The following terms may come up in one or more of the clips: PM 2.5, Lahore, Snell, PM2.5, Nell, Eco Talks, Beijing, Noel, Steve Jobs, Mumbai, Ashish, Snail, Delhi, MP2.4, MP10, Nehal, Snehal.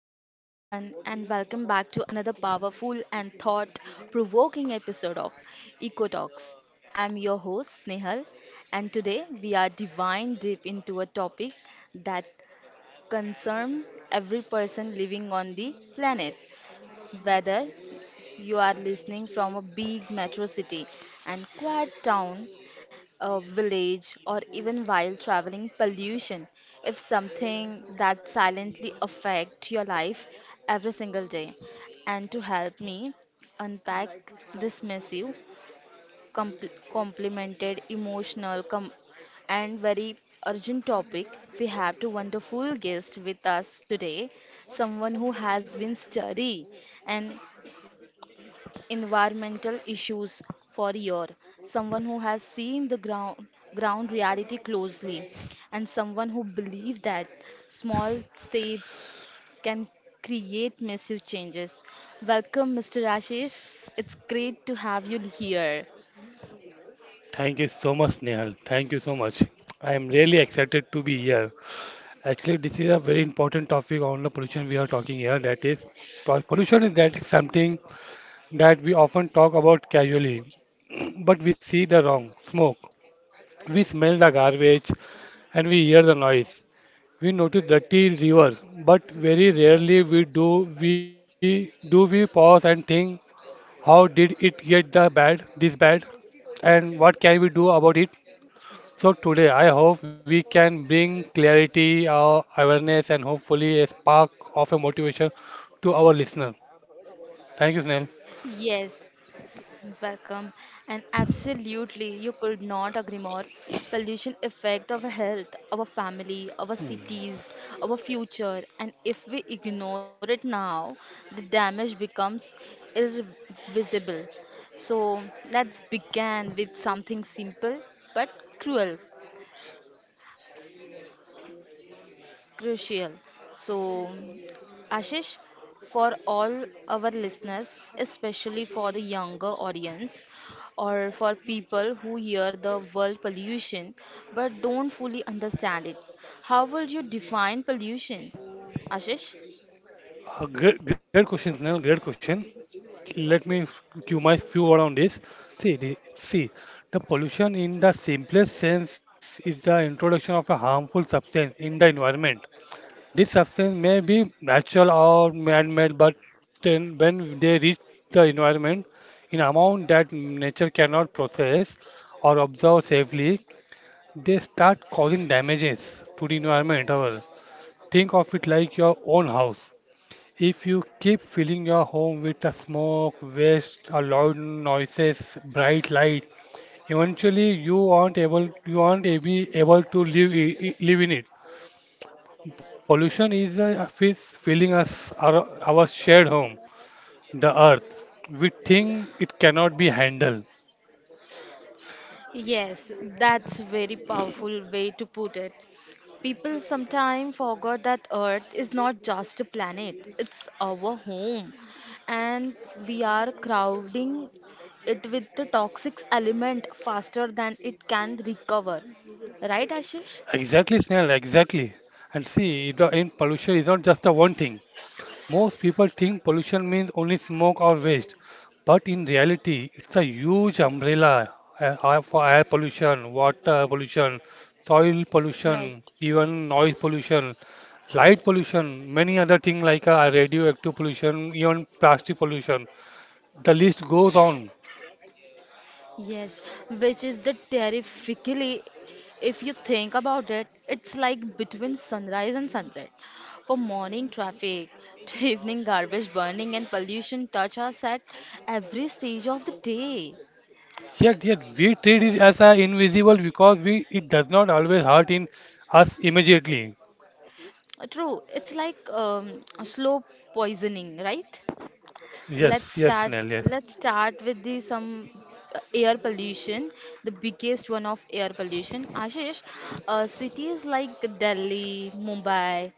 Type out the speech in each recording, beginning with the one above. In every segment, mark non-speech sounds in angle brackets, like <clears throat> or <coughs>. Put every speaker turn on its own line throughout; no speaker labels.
Hello, everyone, and welcome back to another powerful and thought provoking episode of Eco Talks. I'm your host, Snehal, and today we are diving deep into a topic that concerns every person living on the planet. Whether you are listening from a big metro city and quiet town a village, or even while traveling, pollution If something that silently affect your life every single day. And to help me unpack this massive, complimented, emotional, and very urgent topic, we have two wonderful guests with us today. Someone who has been studying and environmental issues for years, someone who has seen the ground reality closely, and someone who believes that small steps can create massive changes. Welcome, Mr. Ashish. It's great to have you here.
Thank you so much, Nehal. Thank you so much. I am really excited to be here. Actually, this is a very important topic on the pollution we are talking here. That is, pollution is that is something that we often talk about casually, <clears throat> but we see the wrong smoke. We smell the garbage, and we hear the noise. We notice dirty rivers, but very rarely we do we pause and think, how did it get the bad this bad, and what can we do about it? So today I hope we can bring clarity, awareness and hopefully a spark of a motivation to our listener. Thank you, Snail.
Yes, welcome. And absolutely, you could not agree more. Pollution affect our health, our family, our cities, our future. And if we ignore it now, the damage becomes irrevisible. So let's begin with something simple but cruel. Crucial. So, Ashish, for all our listeners, especially for the younger audience or for people who hear the word pollution but don't fully understand it, how would you define pollution, Ashish?
Great question, Snail. Great question. Let me give my few word on this. See, the pollution in the simplest sense is the introduction of a harmful substance in the environment. This substance may be natural or man-made, but then when they reach the environment in amount that nature cannot process or observe safely, they start causing damages to the environment. However, think of it like your own house. If you keep filling your home with the smoke, waste, or loud noises, bright light, eventually you aren't be able to live in it. Pollution is a is filling us our shared home, the earth. We think it cannot be handled.
Yes, that's very powerful way to put it. People sometimes forget that Earth is not just a planet, it's our home. And we are crowding it with the toxic element faster than it can recover. Right, Ashish?
Exactly, Snell, exactly. And see, the in pollution is not just the one thing. Most people think pollution means only smoke or waste, but in reality, it's a huge umbrella for air pollution, water pollution, soil
Right.
pollution, even noise pollution, light pollution, many other things like radioactive pollution, even plastic pollution. The list goes on.
Yes, which is the terrifically, if you think about it, it's like between sunrise and sunset. For morning traffic to <laughs> evening garbage burning and pollution touch us at every stage of the day.
Yet we treat it as invisible because we it does not always hurt in us immediately.
True. It's like a slow poisoning, right? Let's start.
Yes.
Let's start with the some air pollution, the biggest one of air pollution. Ashish, cities like Delhi, Mumbai,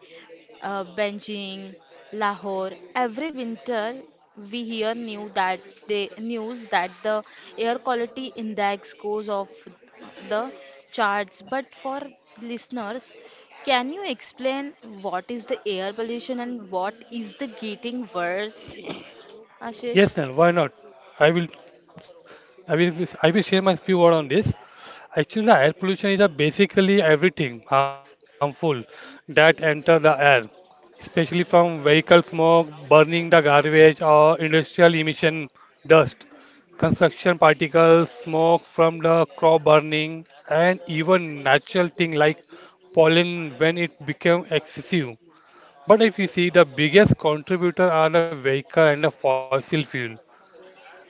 Beijing, Lahore. Every winter, we hear news that the air quality index goes off the charts. But for listeners, can you explain what is the air pollution and what is the getting worse, Ashish?
Yes, Nell, why not? I will I will share my few words on this. Actually, the air pollution is a basically everything harmful that enter the air, especially from vehicle smoke, burning the garbage or industrial emission, dust, construction particles, smoke from the crop burning, and even natural thing like pollen when it become excessive. But if you see, the biggest contributor are the vehicle and the fossil fuel.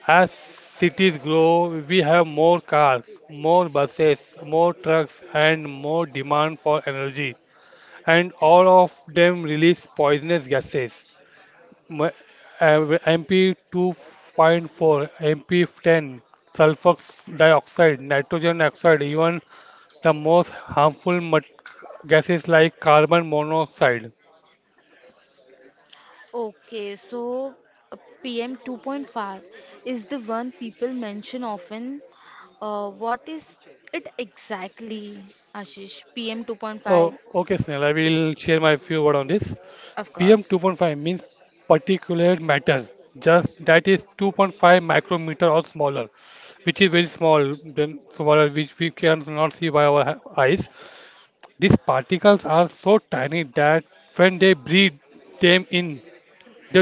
As cities grow, we have more cars, more buses, more trucks, and more demand for energy. And all of them release poisonous gases. M- uh, MP2.4, MP10, sulfur dioxide, nitrogen oxide, even the most gases like carbon monoxide.
Okay, so uh, PM 2.5 is the one people mention often. What is it exactly, Ashish? PM
Oh,
2.5?
okay, Snell, I will share my few word on this.
Of course.
PM2.5 means particulate matter, just that is 2.5 micrometer or smaller, which is very small, then smaller, which we cannot see by eyes. These particles are so tiny that when they breathe them in,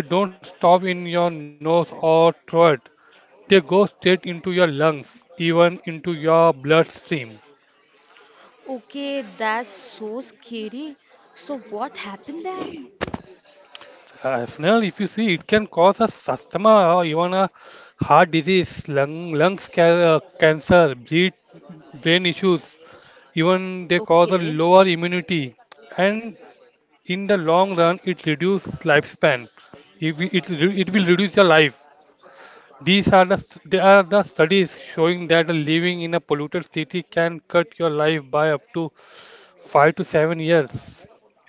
they don't stop in your nose or throat. They go straight into your lungs, even into your bloodstream.
Okay, that's so scary. So, what happened then?
Snell, if you see, it can cause a asthma or even a heart disease, lungs cancer, brain issues. Even they cause a
Okay,
lower immunity, and in the long run, it reduces lifespan. It will reduce your life. These are the st- they are the studies showing that living in a polluted city can cut your life by up to 5 to 7 years.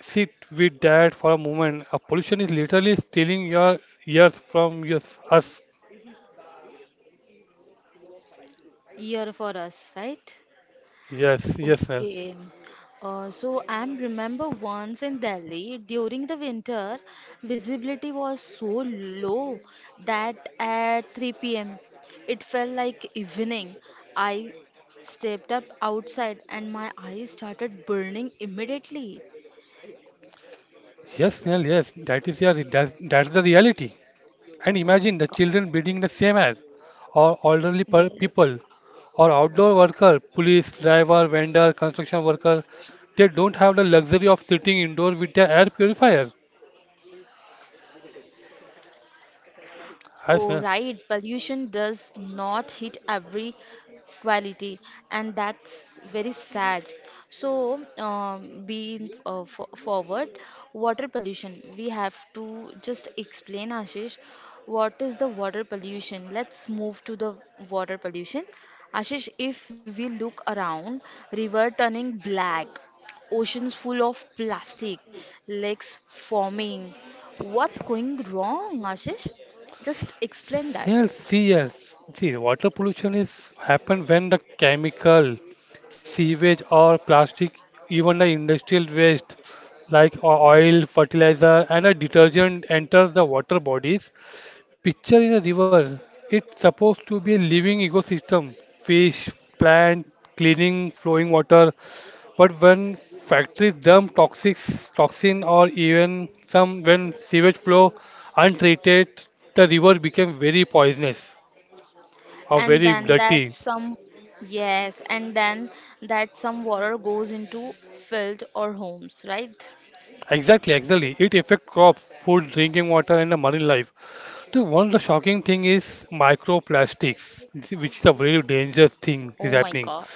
Sit with that for a moment. A pollution is literally stealing your years from us.
year for us, right?
Yes, yes, Nell.
Okay. So I remember once in Delhi during the winter, visibility was so low that at 3 p.m. it felt like evening. I stepped up outside and my eyes started burning immediately.
Yes, Nell. Yes, that is your that's the reality. And imagine the children
Oh my
breathing the
God.
same air, or people,
Yes.
or outdoor worker, police, driver, vendor, construction worker. They don't have the luxury of sitting indoor with their air purifier.
Oh,
I say,
right. Pollution does not hit every quality, and that's very sad. So, being fo forward, water pollution. We have to just explain, Ashish, what is the water pollution? Let's move to the water pollution. Ashish, if we look around, river turning black, oceans full of plastic, lakes forming. What's going wrong, Ashish? Just explain that.
yes. See, water pollution is happen when the chemical, sewage or plastic, even the industrial waste like oil, fertilizer, and a detergent enters the water bodies. Picture in a river. It's supposed to be a living ecosystem. Fish, plant, cleaning, flowing water. But when factories dump toxic toxin or even some when sewage flow untreated, the river became very poisonous or
And
very
then that
dirty.
some, yes, and then that some water goes into field or homes, right?
Exactly, exactly. It affects crops, food, drinking water, and the marine life. So one of the shocking thing is microplastics, which is a very dangerous thing is
Oh my
happening.
God.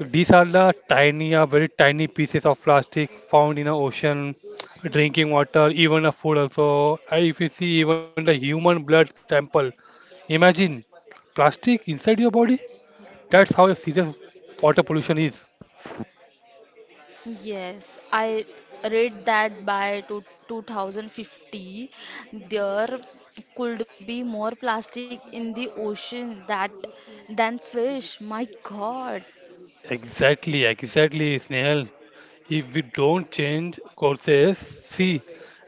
These are the tiny, very tiny pieces of plastic found in the ocean, drinking water, even a food also. If you see even the human blood sample, imagine plastic inside your body. That's how serious water pollution is.
Yes, I read that by 2050 there could be more plastic in the ocean that than fish. My God.
Exactly, exactly, Snehal. If we don't change courses, see,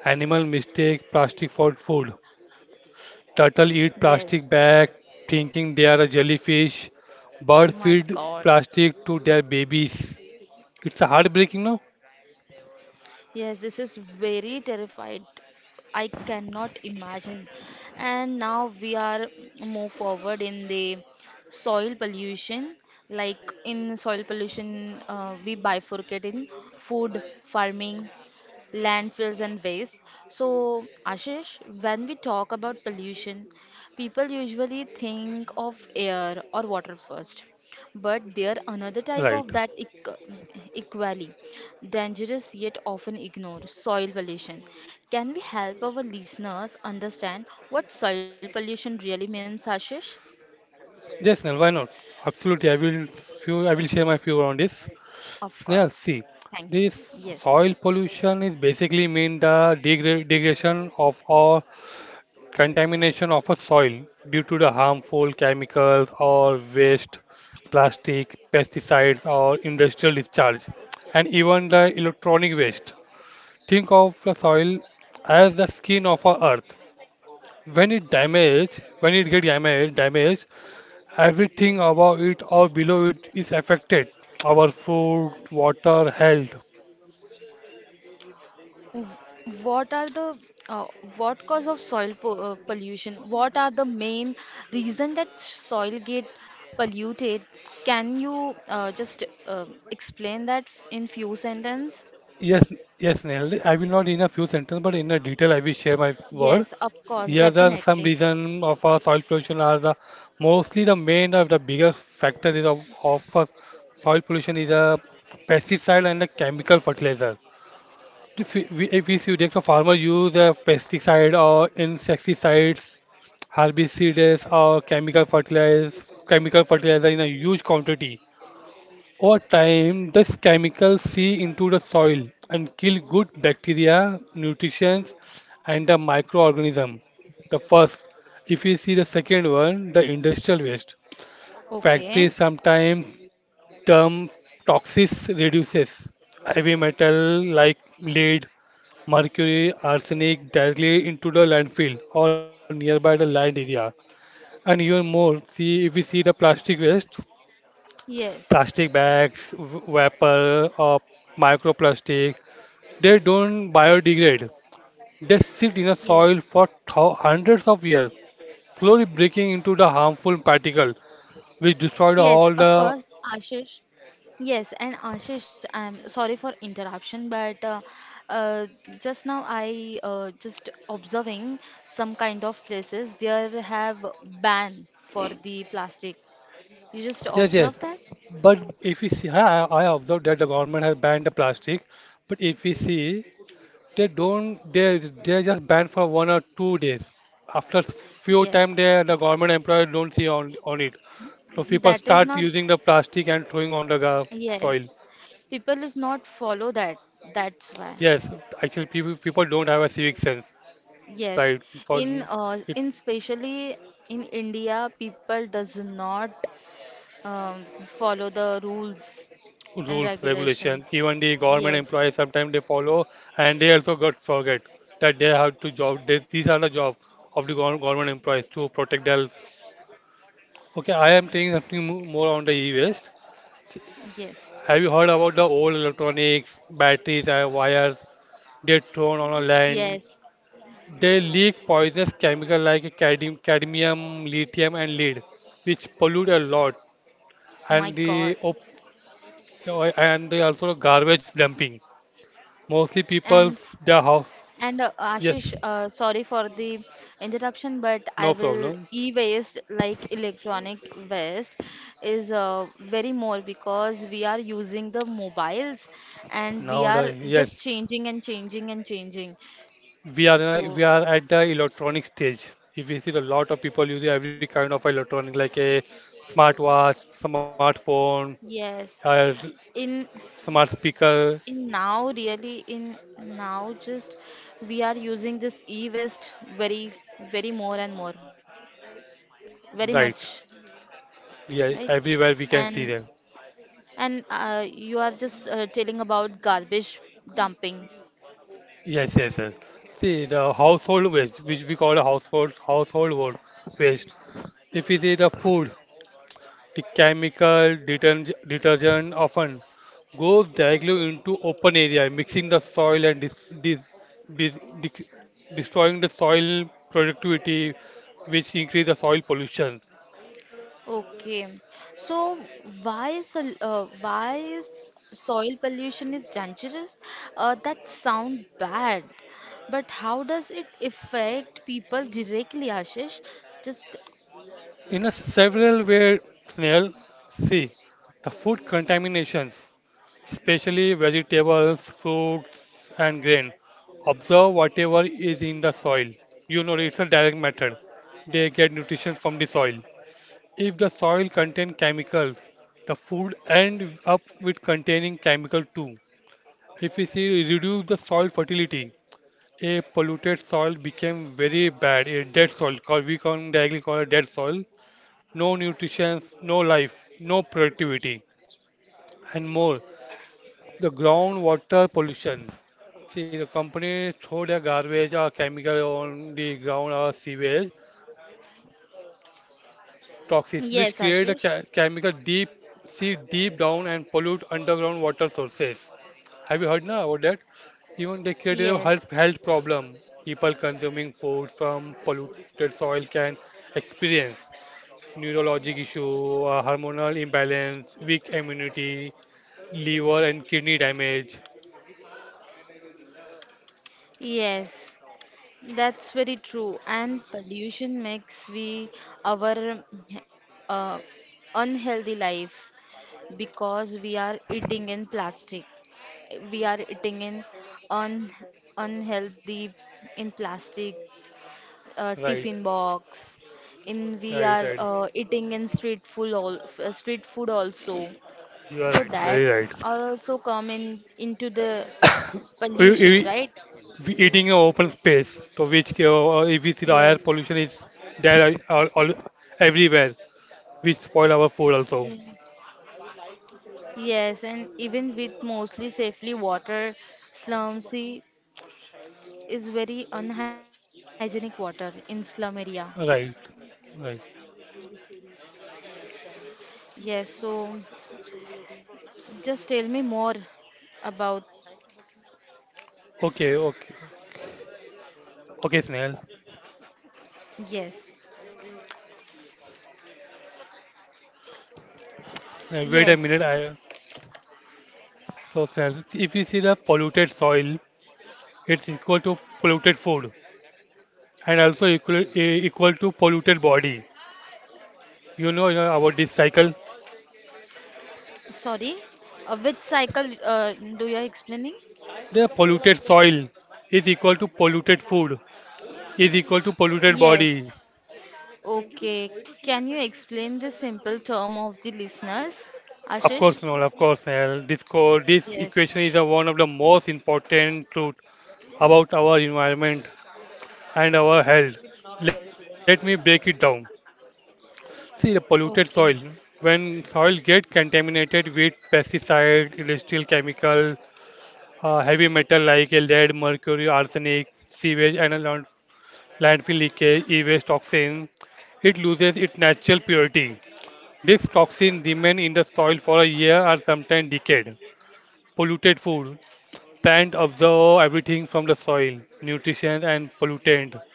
animal mistake plastic for food. Turtle eat
Yes.
plastic bag, thinking they are a jellyfish. Bird
My
feed
God.
plastic to their babies. It's a heartbreaking, no?
Yes, this is very terrified. I cannot imagine. And now we are move forward in the soil pollution. Like in soil pollution, we bifurcate in food, farming, landfills and waste. So, Ashish, when we talk about pollution, people usually think of air or water first. But there another
Right.
type of that equally dangerous yet often ignored soil pollution. Can we help our listeners understand what soil pollution really means, Ashish?
Yes, Snell, why not? Absolutely. I will share my view on this.
Of course.
Snell, see,
Thank you.
this
Yes.
soil pollution is basically mean the degradation of or contamination of a soil due to the harmful chemicals or waste, plastic, pesticides or industrial discharge, and even the electronic waste. Think of the soil as the skin of our earth. When it get damaged, everything above it or below it is affected. Our food, water, health.
W- What are the uh, what cause of soil po pollution? What are the main reason that soil get polluted? Can you just explain that in few sentence?
Yes, yes, Nehal. I will not in a few sentences, but in a detail, I will share my word.
Yes, of course,
Here are some
definitely.
reason of our soil pollution are the mostly the main of the biggest factor of our soil pollution is a pesticide and the chemical fertilizer. If we see that the farmer use a pesticide or insecticides, herbicides or chemical fertilizer in a huge quantity. Over time, this chemical seep into the soil and kill good bacteria, nutrients, and the microorganism. The first. If we see the second one, the industrial waste.
Okay.
Factories sometimes dump toxic reduces heavy metal like lead, mercury, arsenic directly into the landfill or nearby the land area. And even more, see if we see the plastic waste, plastic
Yes.
bags, vapor, or microplastic, they don't biodegrade. They sit in the soil
Yes.
for thou hundreds of years, slowly breaking into the harmful particle, which destroyed
Yes,
all
of course,
the.
Ashish. Yes, and Ashish, I'm sorry for interruption, but uh, just now I just observing some kind of places there have ban for the plastic. You just
Yes, yes.
observe that?
But if we see, I observed that the government has banned the plastic. But if we see they don't. They they're just banned for 1 or 2 days. After few time,
Yes,
they the government employer don't see on it. So
<laughs>
people
that is
start
not.
using the plastic and throwing on the soil.
Yes, people is not follow that. That's why.
Yes, actually people don't have a civic sense,
Yes,
right? For it,
in specially in India, people does not follow the rules and
rules, regulation,
regulations.
even the government
Yes,
employees sometimes they follow and they also got forget that they have to job. They, these are the job of the government employees to protect their. Okay, I am taking something more on the e-waste.
yes,
Have you heard about the old electronics, batteries, and wires get thrown on a land?
yes.
They leak poisonous chemical like cadmium, lithium, and lead, which pollute a lot.
My
And
God.
the op- and the also garbage dumping. Mostly
And
people's their house.
and Ashish,
Yes,
sorry for the interruption, but I
no
will
problem.
e-waste like electronic waste is very more because we are using the mobiles and we
Now
are
the yes,
just changing and changing and changing.
we
So
are at the electronic stage. If you see a lot of people using every kind of electronic like a smartwatch, smartphone,
yes,
uh,
in
smart speaker,
in now really in now just we are using this e-waste very more and more very much
right?
right
Yeah, everywhere we
and
can see them.
and you are just telling about garbage dumping
Yes, yes, yes. See the household waste, which we call a household waste. If we see the food, the chemical deterg detergent often goes directly into open area, mixing the soil and dis dis dis dec destroying the soil productivity, which increase the soil pollution.
okay so why is soil pollution is dangerous that sound bad but how does it affect people directly ashish just
In a several way, Snell, see the food contaminations. Especially vegetables, fruits, and grain. Observe whatever is in the soil. You know, it's a direct method. They get nutrition from the soil. If the soil contains chemicals, the food end up with containing chemical too. If we see reduce the soil fertility, a polluted soil became very bad, a dead soil, called we can directly call it dead soil. No nutrition, no life, no productivity, and more. The groundwater pollution. See, the company throw their garbage or chemical on the ground or sewage toxins, which
yes
create a
ashish.
ca chemical deep sea deep down and pollute underground water sources. Have you heard now about that? Even they create a
Yes,
health problem. People consuming food from polluted soil can experience neurologic issue, hormonal imbalance, weak immunity, liver and kidney damage.
yes, that's very true. And pollution makes we our uh, unhealthy life because we are eating in plastic. We are eating in un unhealthy in plastic
Right,
tiffin box. In we are
right.
eating in street food all street food also.
You are
So
right.
that
Very right.
are also come in into the
<coughs> We,
pollution,
we,
right?
we eating an open space, so which if we see the air
Yes.
pollution is there all, everywhere, which spoil our food also.
Yes, yes, and even with mostly safely water, slum sea is very unhygienic water in slum area.
Right, right.
Yes, so just tell me more about
Okay, okay, okay, Snail.
yes,
Wait a
yes.
minute. I so Snail, if you see the polluted soil, it's equal to polluted food, and also equal to polluted body. You know about this cycle.
Sorry, which cycle do you are explaining?
The polluted soil is equal to polluted food is equal to polluted body.
Yes. Okay. Can you explain the simple term of the listeners,
Of
Ashish?
course, Noel, of course, Noel. This
Yes.
equation is a, one of the most important truth about our environment and our health. Let me break it down. See, the polluted soil.
Okay.
When soil get contaminated with pesticide, industrial chemical, heavy metal like a lead, mercury, arsenic, sewage, and a landfill leakage, e-waste toxin, it loses its natural purity. This toxin remain in the soil for a year or sometimes decade. Polluted food. Plant absorb everything from the soil, nutrition and pollutant.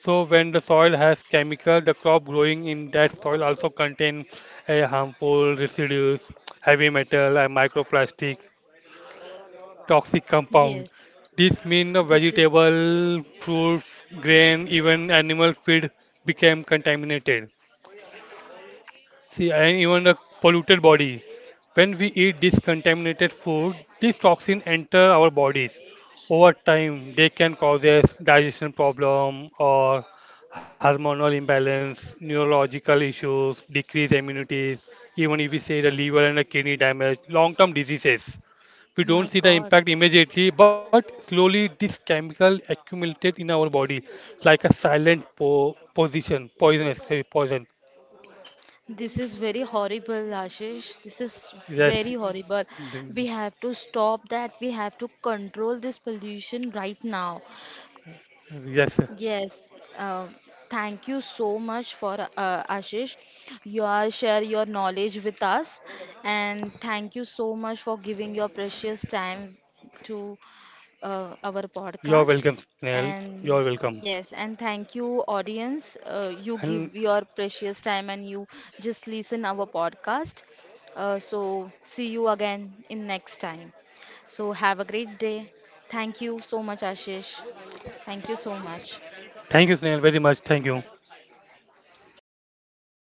So when the soil has chemical, the crop growing in that soil also contain a harmful residues, heavy metal and microplastic, toxic compound.
Yes.
This means the
This is
vegetable, fruits, grain, even animal feed became contaminated. See, and even a polluted body. When we eat discontaminated food, these toxins enter our bodies. Over time, they can cause us digestion problem or hormonal imbalance, neurological issues, decreased immunity, even if we say the liver and the kidney damage, long-term diseases. We don't
my
see the
God.
impact immediately, but slowly this chemical accumulated in our body like a silent poisonous, sorry, poison.
This is very horrible, Ashish. This is
Yes,
very horrible.
then-
We have to stop that. We have to control this pollution right now.
yes.
Yes, uh, thank you so much for Ashish. You are share your knowledge with us, and thank you so much for giving your precious time to our
You're
podcast.
welcome, Snail. You're
And
welcome.
yes, and thank you,
And
audience. You give your precious time and you just listen our podcast. So see you again in next time. So have a great day. Thank you so much, Ashish. Thank you so
thank you,
much.
Snail, very much. Thank you.